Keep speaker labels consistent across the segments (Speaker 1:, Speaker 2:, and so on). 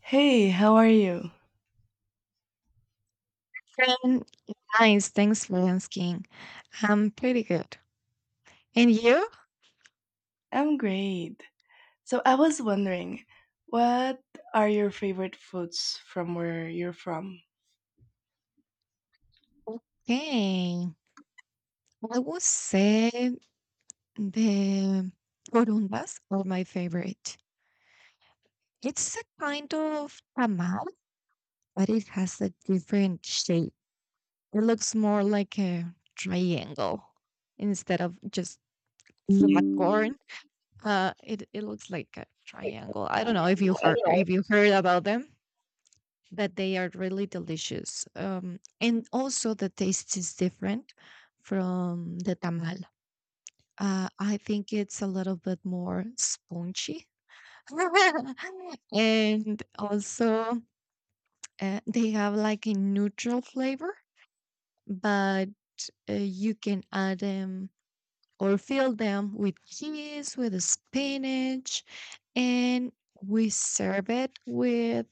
Speaker 1: Hey, how are you?
Speaker 2: Um, Nice, thanks for asking. I'm pretty good. And you?
Speaker 1: I'm great. So I was wondering, what are your favorite foods from where you're from?
Speaker 2: Okay. I would say the corundas are my favorite. It's a kind of tamal, but it has a different shape. It looks more like a triangle instead of just flat corn. It looks like a triangle. I don't know if you heard about them, but they are really delicious. And also, the taste is different from the tamal. I think it's a little bit more spongy. And also, they have like a neutral flavor, but you can add them or fill them with cheese, with spinach, and we serve it with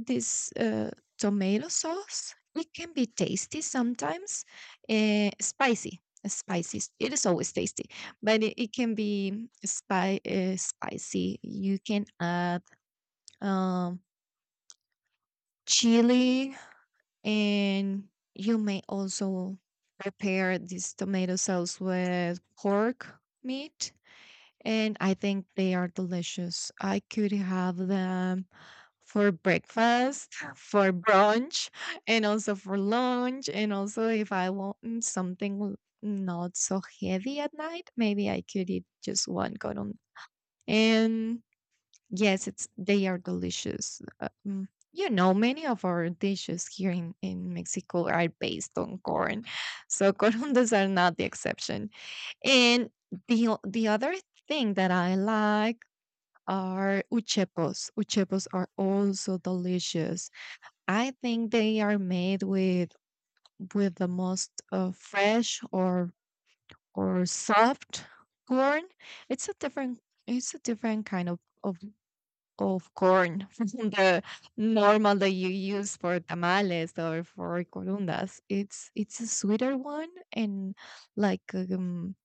Speaker 2: this tomato sauce. It can be tasty sometimes, spicy. Spicy. It is always tasty, but it can be spicy. You can add, um, chili, and you may also prepare this tomato sauce with pork meat, and I think they are delicious. I could have them for breakfast, for brunch, and also for lunch. And also, if I want something not so heavy at night, maybe I could eat just one cotton. And yes, it's they are delicious. Many of our dishes here in Mexico are based on corn, so corondas are not the exception. And the other thing that I like are uchepos. Uchepos are also delicious. I think they are made with the most fresh or soft corn. It's a different kind of of corn from the normal that you use for tamales or for corundas. It's a sweeter one and like um,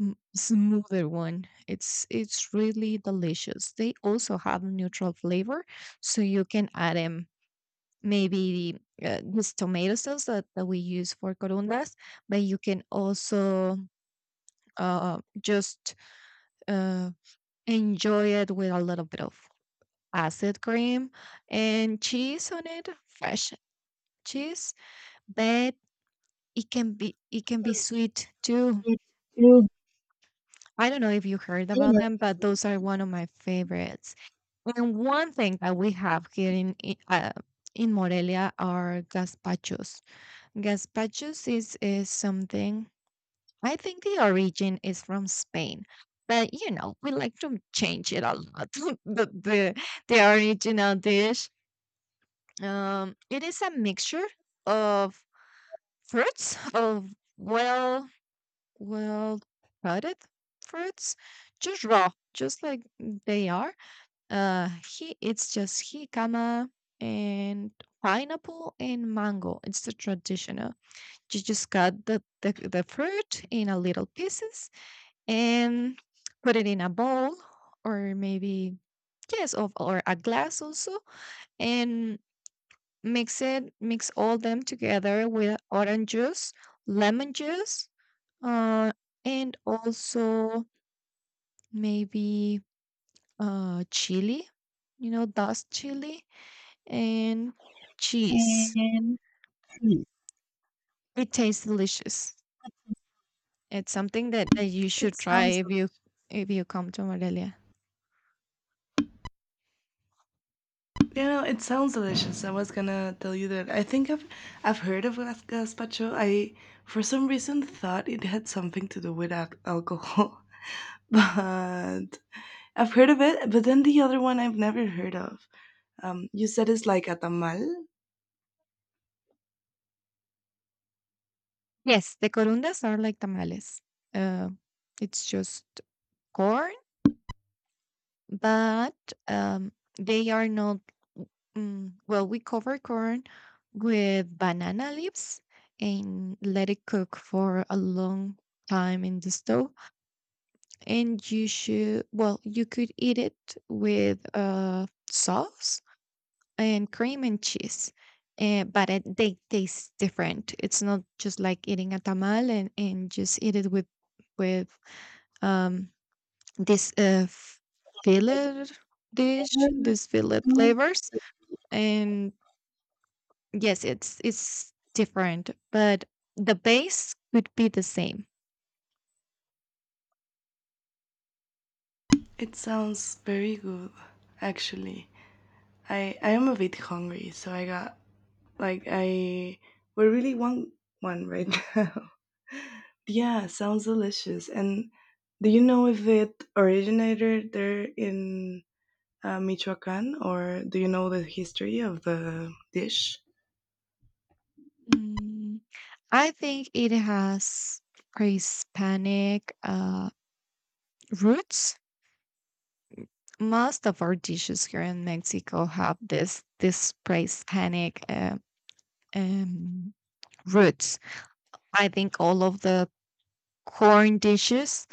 Speaker 2: m- smoother one. It's really delicious. They also have neutral flavor, so you can add them maybe this tomato sauce that we use for corundas, but you can also just uh, enjoy it with a little bit of acid cream and cheese on it, fresh cheese. But it can be sweet too.
Speaker 1: Root
Speaker 2: I don't know if you heard about them, but those are one of my favorites. And one thing that we have here in Morelia are gazpachos. Gazpachos is something. I think the origin is from Spain, but you know, we like to change it a lot. The the original dish, it is a mixture of fruits of well cutted fruits, just raw, just like they are. Uh, he It's just jicama and pineapple and mango. It's the traditional. You just cut the fruit in a little pieces and put it in a bowl or maybe yes of or a glass also, and mix it, mix all them together with orange juice, lemon juice, uh, and also maybe chili, you know, dust chili and cheese.
Speaker 1: and cream.
Speaker 2: It tastes delicious. It's something that you
Speaker 1: It
Speaker 2: should try
Speaker 1: sounds,
Speaker 2: if you come to Morelia.
Speaker 1: it sounds delicious. I was gonna tell you that. I've heard of gazpacho. I, for some reason, thought it had something to do with alcohol, but I've heard of it. But then the other one I've never heard of. You said it's like a tamal.
Speaker 2: Yes, the corundas are like tamales. Uh, it's just corn, but um, they are not. Well, we cover corn with banana leaves and let it cook for a long time in the stove. And you should well you could eat it with sauce and cream and cheese, but they taste different. It's not just like eating a tamal and just eat it with with um this uh f- fillet dish, this fillet flavors, and yes, it's different, but the base would be the same.
Speaker 1: It sounds very good, actually. I am a bit hungry, so I got like I we really want one right now. Yeah, sounds delicious. And do you know if it originated there in Michoacan, or do you know the history of the dish?
Speaker 2: Mm. I think it has pre-Hispanic roots. Most of our dishes here in Mexico have this pre-Hispanic um, roots. I think all of the corn dishes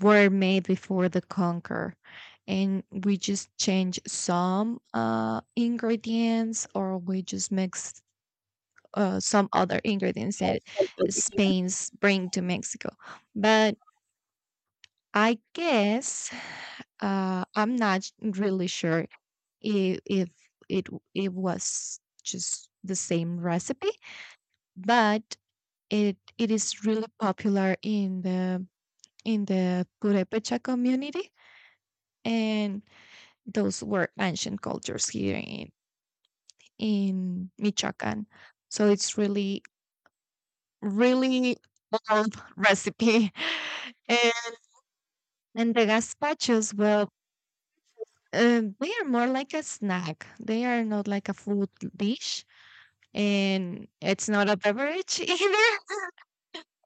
Speaker 2: were made before the conquer, and we just change some ingredients, or we just mix some other ingredients that Spain's bring to Mexico, but I guess I'm not really sure if it it was just the same recipe, but it is really popular in the Purepecha community, and those were ancient cultures here in Michoacan. So it's really really old recipe, and, and the gazpachos. Well, they are more like a snack. They are not like a food dish, and it's not a beverage either,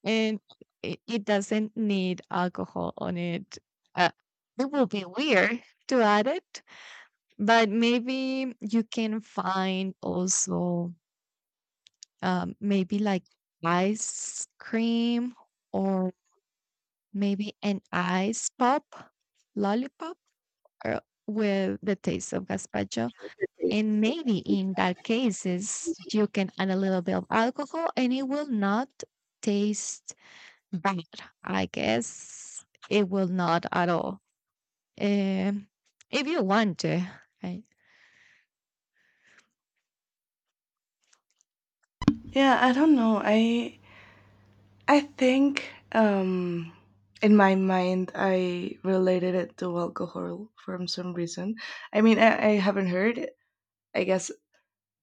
Speaker 2: and it doesn't need alcohol on it. Uh, it will be weird to add it, but maybe you can find also maybe like ice cream or maybe an ice pop, lollipop, or with the taste of gazpacho. And maybe in that cases, you can add a little bit of alcohol and it will not taste bad. I guess it will not at all. Um, if you want to, right?
Speaker 1: Yeah, I don't know. I think in my mind, I related it to alcohol from some reason. I mean, I haven't heard it. I guess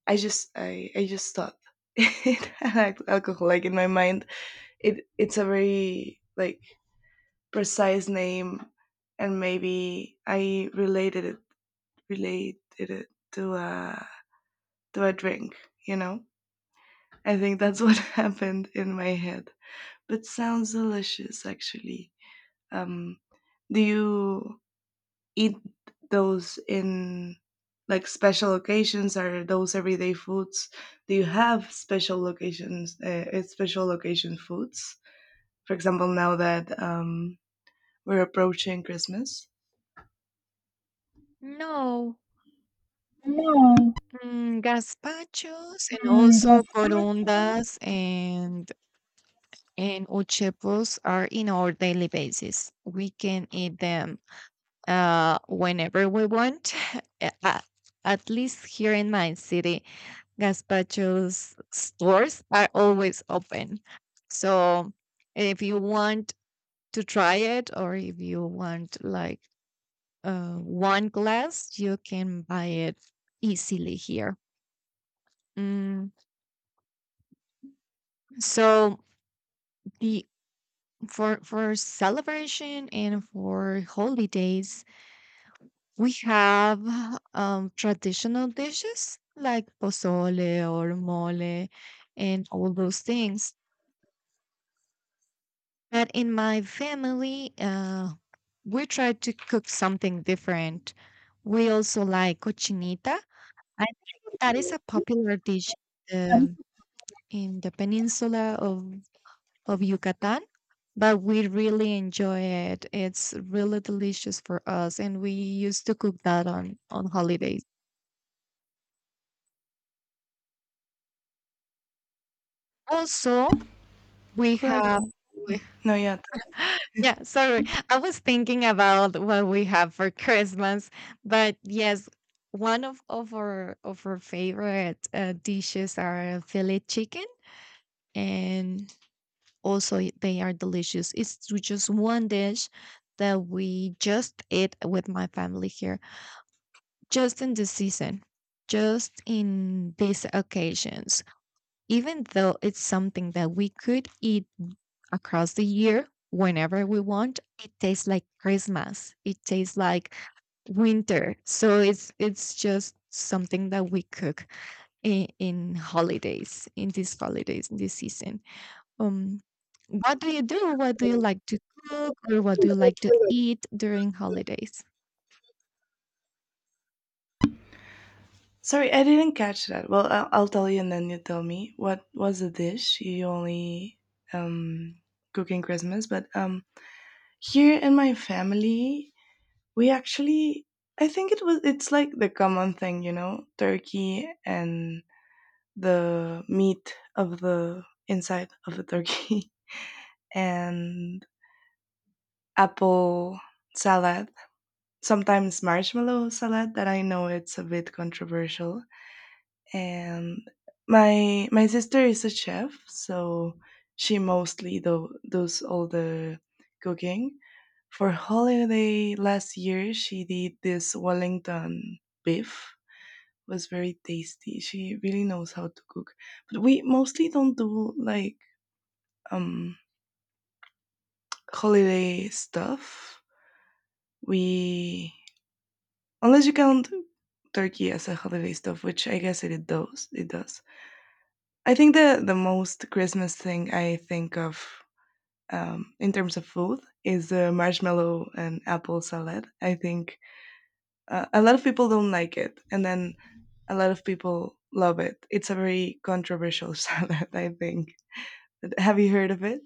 Speaker 1: I just thought it had alcohol. Like in my mind, it's a very like precise name, and maybe I related it to a to a drink. You know, I think that's what happened in my head. But sounds delicious, actually. Um, do you eat those in like special occasions? Are those everyday foods? Do you have special locations, special location foods? For example, now that we're approaching Christmas.
Speaker 2: No.
Speaker 1: No,
Speaker 2: Gazpachos and
Speaker 1: mm,
Speaker 2: also corundas and uchepos are in our daily basis. We can eat them whenever we want. uh, at least here in my city, Gazpacho's stores are always open. So if you want to try it or if you want like one glass, you can buy it easily here. Mm, so the for celebration and for holidays, we have traditional dishes like pozole or mole and all those things. But in my family, we try to cook something different. We also like cochinita. I think that is a popular dish uh,
Speaker 1: doesn't.
Speaker 2: in the peninsula of Yucatan, but we really enjoy it. It's really delicious for us, and we used to cook that on holidays. Also, we
Speaker 1: Well,
Speaker 2: have
Speaker 1: no, yeah.
Speaker 2: Yeah, sorry. I was thinking about what we have for Christmas, but yes, one of our favorite dishes are filet chicken, and also they are delicious. It's just one dish that we just eat with my family here, just in the season, just in these occasions, even though it's something that we could eat across the year whenever we want. It tastes like Christmas, it tastes like winter, so it's just something that we cook in holidays, in these holidays, in this season. um what do you do, what do you like to cook or what do you like to eat during holidays?
Speaker 1: Sorry, I didn't catch that. Well, I'll tell you, and then you tell me what was the dish you only um, cook in Christmas. But here in my family, we actually I think it's like the common thing, you know, turkey and the meat of the inside of the turkey and apple salad, sometimes marshmallow salad that I know it's a bit controversial. And my sister is a chef, so she mostly does all the cooking for holiday. Last year she did this Wellington beef, was very tasty. She really knows how to cook. But we mostly don't do like um holiday stuff. We, unless you count turkey as a holiday stuff, which I guess it does. It does. I think the most Christmas thing I think of, in terms of food, is the marshmallow and apple salad. I think a lot of people don't like it, and then a lot of people love it. It's a very controversial salad, I think. Have you heard of it?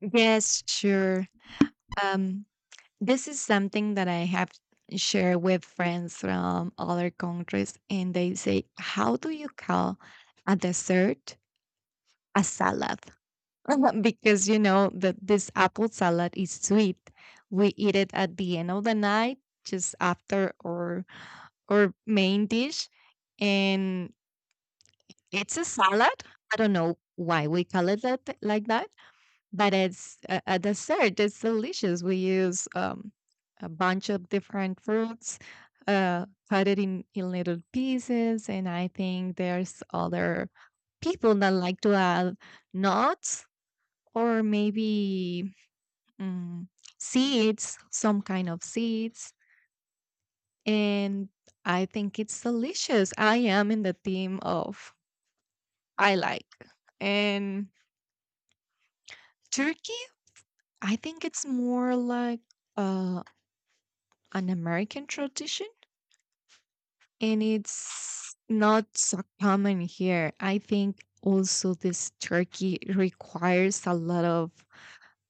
Speaker 2: Yes, sure. um This is something that I have shared with friends from other countries, and they say, "How do you call a dessert a salad?" Because you know that this apple salad is sweet. We eat it at the end of the night, just after or main dish, and it's a salad. I don't know why we call it like that, but it's a dessert. It's delicious. We use a bunch of different fruits, cut it in little pieces, and I think there's other people that like to add nuts or maybe mm, seeds, some kind of seeds, and I think it's delicious. I am in the theme of I like and turkey. I think it's more like. Uh, an American tradition and it's not so common here. I think also this turkey requires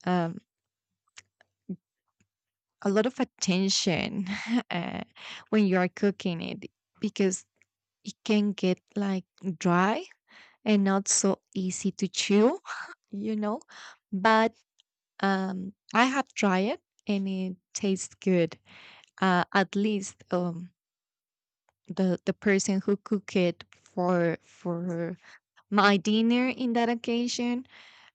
Speaker 2: um, a lot of attention uh, when you are cooking it, because it can get like dry and not so easy to chew, you know. But I have tried it and it tastes good. At least the person who cook it for my dinner in that occasion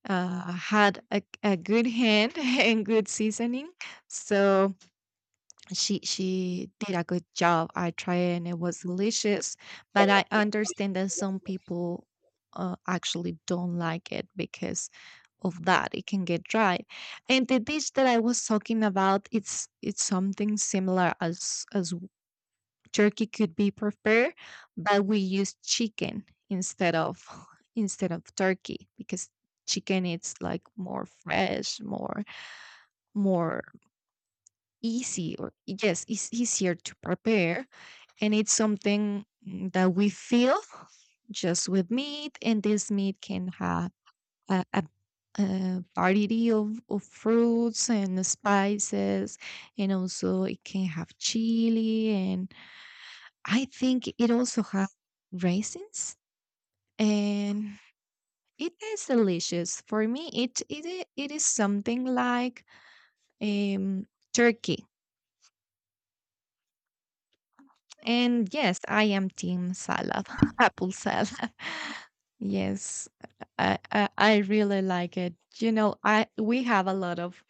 Speaker 2: had a good hand and good seasoning, so she did a good job. I tried it and it was delicious, but I understand that some people actually don't like it because of that, it can get dry. And the dish that I was talking about, it's something similar as Turkey could be prepared, but we use chicken instead of instead of turkey, because chicken it's like more fresh, more easy or yes, it's easier to prepare, and it's something that we feel just with meat, and this meat can have a variety of fruits and spices, and also it can have chili. And I think it also has raisins, and it is delicious. For me, it is something like um, turkey. And yes, I am team salad, apple salad. Yes, I really like it. You know, I we have a lot of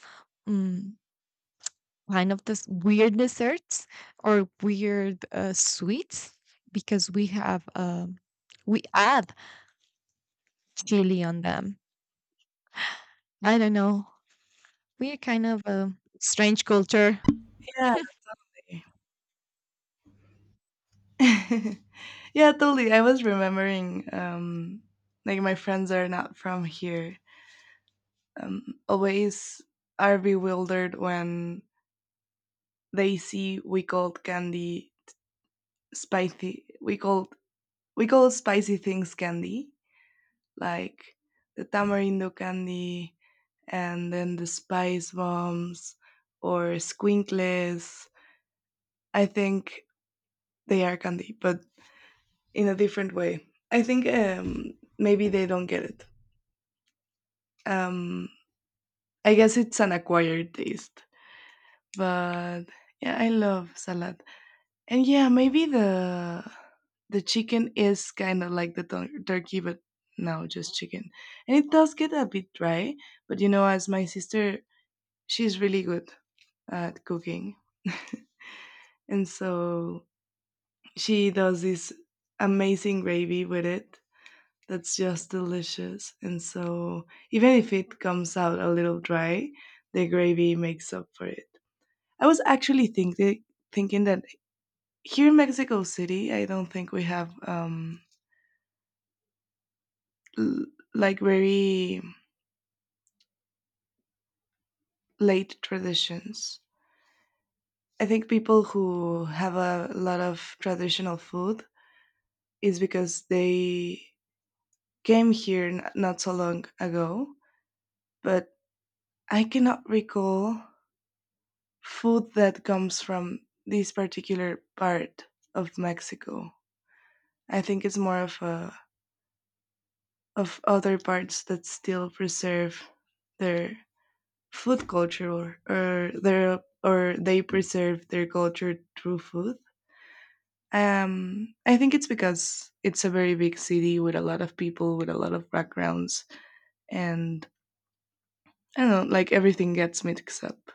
Speaker 2: um, kind of this weird desserts or weird sweets, because we have we add chili on them. I don't know. We're kind of a strange culture.
Speaker 1: Yeah. Yeah, totally. I was remembering, like my friends are not from here. Always are bewildered when they see we call candy spicy. We call spicy things candy, like the tamarindo candy, and then the spice bombs or squinkles. I think they are candy, but in a different way. I think maybe they don't get it. Um, I guess it's an acquired taste, but yeah, I love salad, and yeah, maybe the chicken is kind of like the turkey, but now just chicken, and it does get a bit dry. But you know, as my sister, she's really good at cooking, and so she does this amazing gravy with it that's just delicious. And so, even if it comes out a little dry, the gravy makes up for it. I was actually thinking that here in Mexico City, I don't think we have l- like very late traditions. I think people who have a lot of traditional food is because they came here not so long ago, but I cannot recall food that comes from this particular part of Mexico. I think it's more of a of other parts that still preserve their food culture, or their or they preserve their culture through food. I think it's because it's a very big city with a lot of people with a lot of backgrounds, and I don't know, like everything gets mixed up,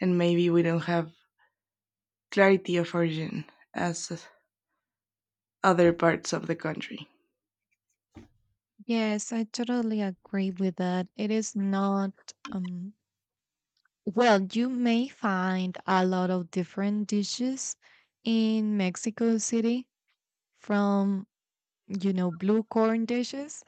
Speaker 1: and maybe we don't have clarity of origin as other parts of the country.
Speaker 2: Yes, I totally agree with that. It is not, um, well, you may find a lot of different dishes in Mexico City from, you know, blue corn dishes,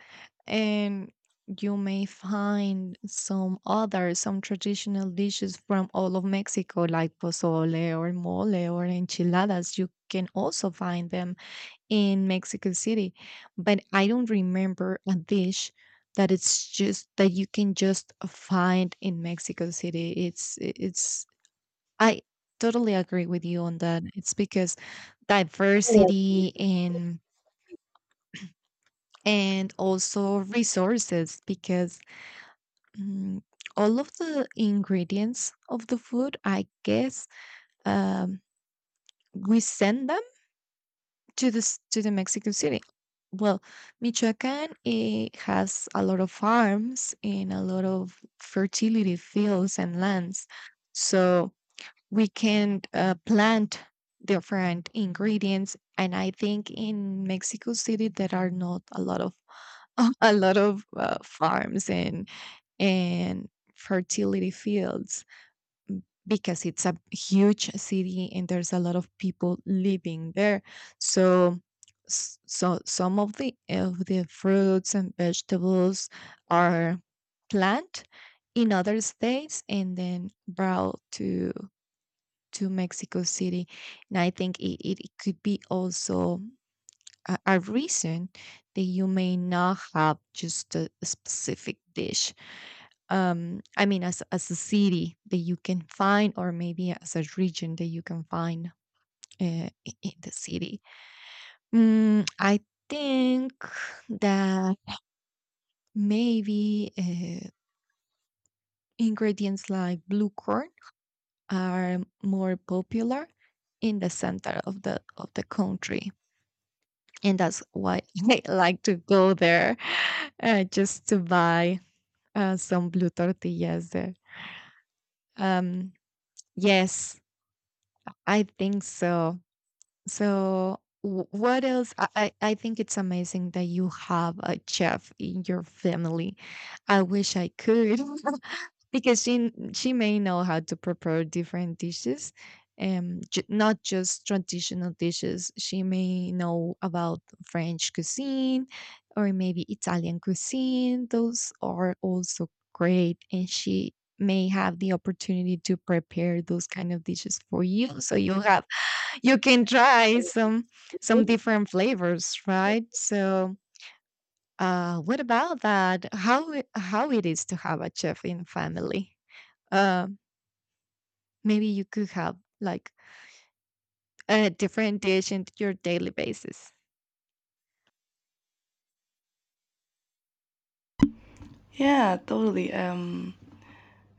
Speaker 2: and you may find some other, some traditional dishes from all of Mexico, like pozole or mole or enchiladas. You can also find them in Mexico City, but I don't remember a dish that it's just that you can just find in Mexico City. It's I totally agree with you on that. It's because
Speaker 1: Yeah.
Speaker 2: diversity and also resources because mm, all of the ingredients of the food, I guess, um, we send them to the Mexican City. Well, Michoacan it has a lot of farms and a lot of fertility fields and lands, so we can plant different ingredients. And I think in Mexico City there are not a lot of a lot of farms and fertility fields because it's a huge city and there's a lot of people living there so so some of the fruits and vegetables are plant in other states and then brought to Mexico City. And I think it could be also a reason that you may not have just a specific dish I mean as a city that you can find or maybe as a region that you can find in the city. I think that maybe ingredients like blue corn are more popular in the center of the country, and that's why I like to go there, just to buy some blue tortillas there. um yes, I think so. So, what else? I think it's amazing that you have a chef in your family. I wish I could, because she may know how to prepare different dishes, not just traditional dishes. She may know about French cuisine or maybe Italian cuisine. Those are also great, and she may have the opportunity to prepare those kind of dishes for you so you have you can try some different flavors, right? So, what about that? How it is to have a chef in family? Uh, Maybe you could have like a different dish in your daily basis.
Speaker 1: Yeah, totally.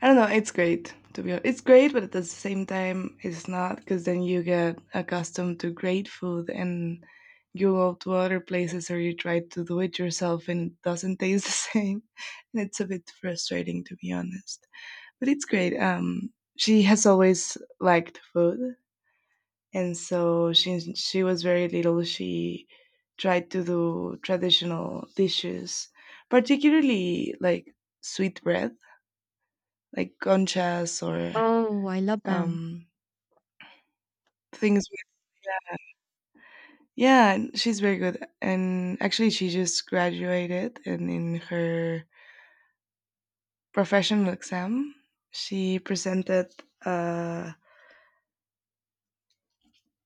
Speaker 1: I don't know. It's great to be. It's great, but at the same time, it's not, because then you get accustomed to great food and you go to other places or you try to do it yourself and it doesn't taste the same. And it's a bit frustrating, to be honest. But it's great. She has always liked food, and so since she was very little she tried to do traditional dishes, particularly like sweet bread, like conchas or
Speaker 2: Oh, I love them.
Speaker 1: um things with, yeah, and she's very good, and actually she just graduated, and in her professional exam she presented a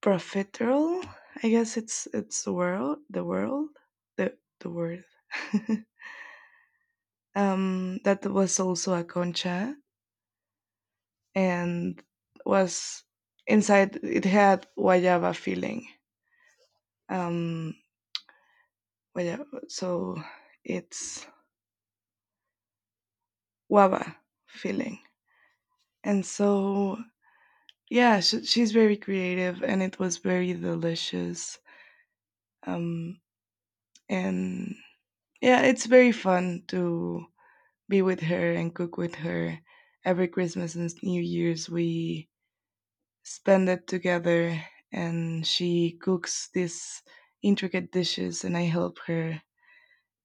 Speaker 1: profiterole. I guess it's the world the world the word. That was also a concha, and was inside, it had guayaba filling. um Guayaba, so it's guava filling. And so yeah, sh she's very creative and it was very delicious. um and yeah, it's very fun to be with her and cook with her. Every Christmas and New Year's we spend it together, and she cooks these intricate dishes and I help her.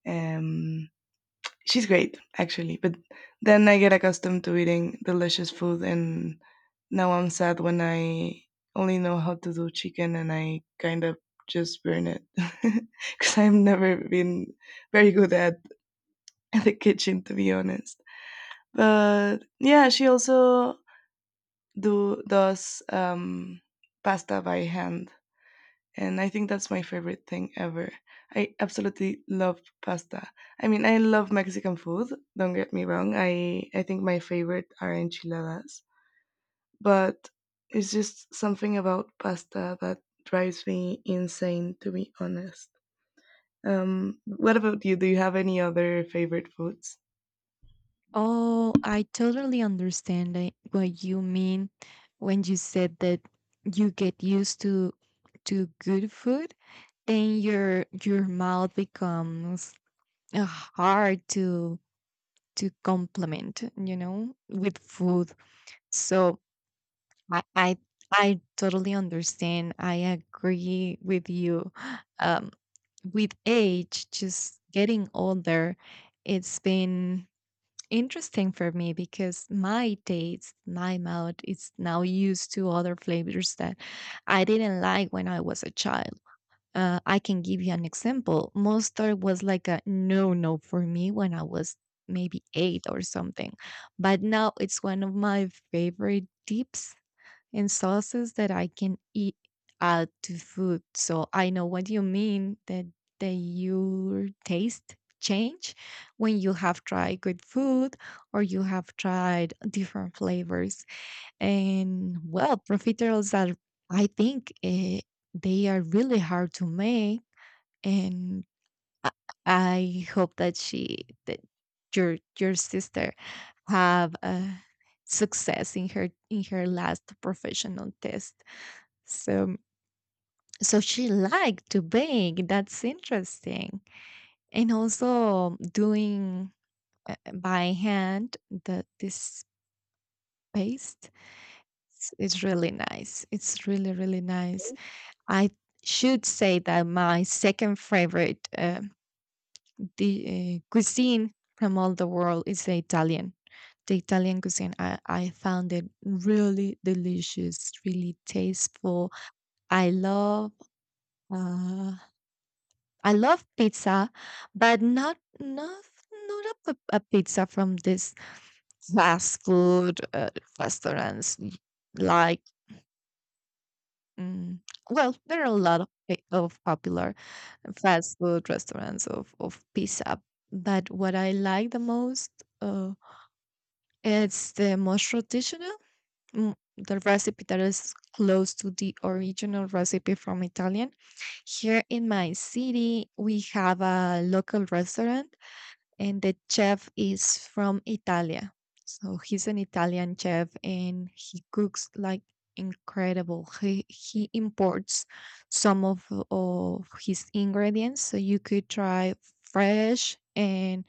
Speaker 1: Um, she's great actually, but then I get accustomed to eating delicious food, and now I'm sad when I only know how to do chicken and I kind of just burn it because I've never been very good at the kitchen, to be honest. But yeah, she also do does pasta by hand, and I think that's my favorite thing ever. I absolutely love pasta. I mean, I love Mexican food. Don't get me wrong. I think my favorite are enchiladas, but it's just something about pasta that drives me insane. To be honest, what about you? Do you have any other favorite foods?
Speaker 2: Oh, I totally understand like, what you mean when you said that you get used to good food, then your mouth becomes hard to complement, you know, with food. So I I, I totally understand. I agree with you. Um, with age, just getting older, it's been interesting for me because my taste, my mouth is now used to other flavors that I didn't like when I was a child. I can give you an example. Mustard was like a no no for me when I was maybe eight or something, but now it's one of my favorite dips and sauces that I can eat add to food. So I know what you mean that that your taste change when you have tried good food or you have tried different flavors. And well, profiteroles are I think they are really hard to make, and I I hope that she that your sister have success in her last professional test. So so she liked to bake. That's interesting. And also doing by hand the this paste is really nice. It's really really nice. I should say that my second favorite the cuisine from all the world is the Italian. The Italian cuisine, I found it really delicious, really tasteful. I love uh, I love pizza, but not a pizza from this fast food restaurants. Like, mm, well, there are a lot of popular fast food restaurants of pizza, but what I like the most, uh, it's the most traditional. mm, The recipe that is close to the original recipe from Italian. Here in my city, we have a local restaurant and the chef is from Italia. So he's an Italian chef and he cooks like incredible. He imports some of his ingredients so you could try fresh and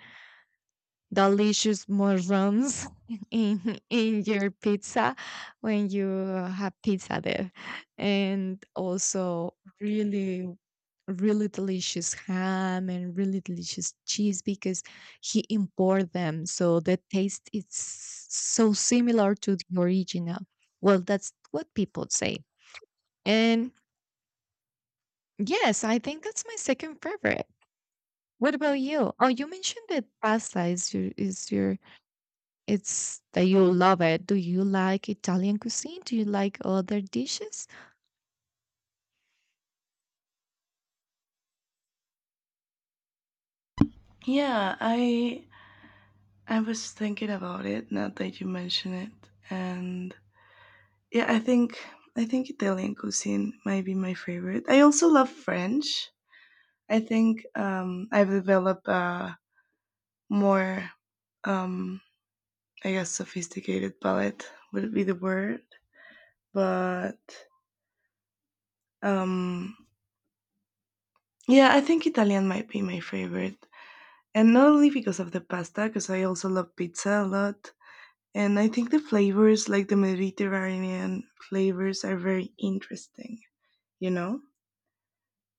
Speaker 2: delicious mushrooms in your pizza when you have pizza there, and also really really delicious ham and really delicious cheese because he import them so the taste is so similar to the original, well that's what people say. And yes, I think that's my second favorite. What about you? Oh, you mentioned that pasta is your It's that you love it. Do you like Italian cuisine? Do you like other dishes?
Speaker 1: Yeah, I was thinking about it now that you mention it, and yeah, I think Italian cuisine might be my favorite. I also love French. I think I've developed a more, um, I guess, sophisticated palate would be the word. But um, yeah, I think Italian might be my favorite, and not only because of the pasta, because I also love pizza a lot. And I think the flavors, like the Mediterranean flavors, are very interesting. You know.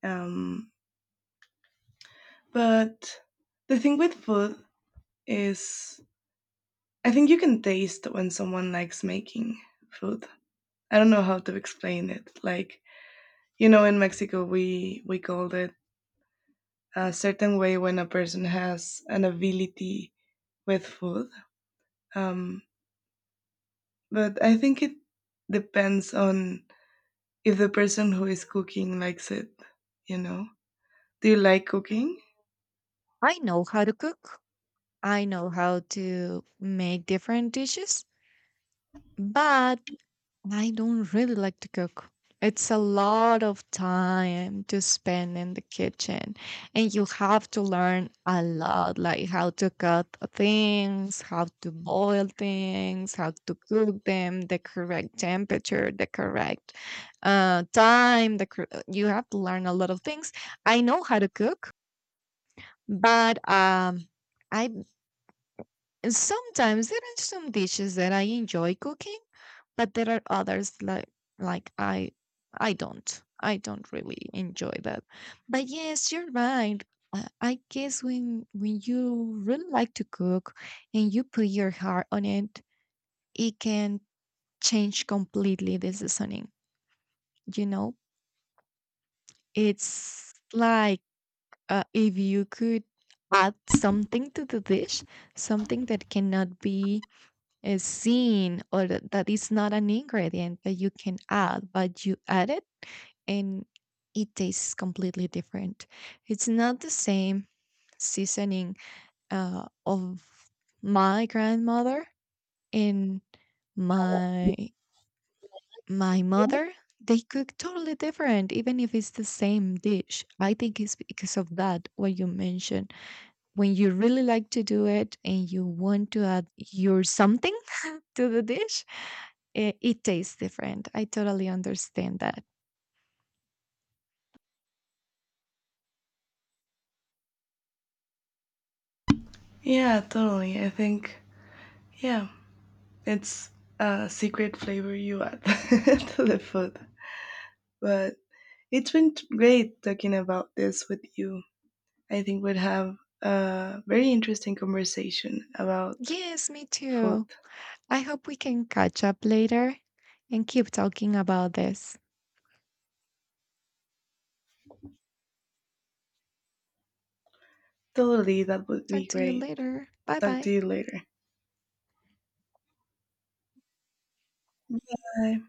Speaker 1: Um, But the thing with food is, I think you can taste when someone likes making food. I don't know how to explain it. Like you know, in Mexico, we called it a certain way when a person has an ability with food. Um, but I think it depends on if the person who is cooking likes it. You know, do you like
Speaker 2: Mm.
Speaker 1: cooking?
Speaker 2: I know how to cook. I know how to make different dishes, but I don't really like to cook. It's a lot of time to spend in the kitchen, and you have to learn a lot, like how to cut things, how to boil things, how to cook them, the correct temperature, the correct time. You have to learn a lot of things. I know how to cook, but I and sometimes there are some dishes that I enjoy cooking, but there are others like I don't. I don't really enjoy that. But yes, you're right. I guess when you really like to cook and you put your heart on it, it can change completely the seasoning. You know, it's like if you could add something to the dish, something that cannot be is seen or that that is not an ingredient that you can add, but you add it, and it tastes completely different. It's not the same seasoning of my grandmother and my my mother. They cook totally different, even if it's the same dish. I think it's because of that what you mentioned. When you really like to do it and you want to add your something to the dish, it tastes different. I totally understand that.
Speaker 1: Yeah, totally. I think yeah. It's a secret flavor you add to the food. But it's been great talking about this with you. I think we'd have a very interesting conversation about
Speaker 2: Yes, me
Speaker 1: food.
Speaker 2: too. I hope we can catch up later and keep talking about this.
Speaker 1: Totally, that would be
Speaker 2: Talk to you
Speaker 1: great.
Speaker 2: later. Bye
Speaker 1: Talk to
Speaker 2: bye.
Speaker 1: you later. Bye.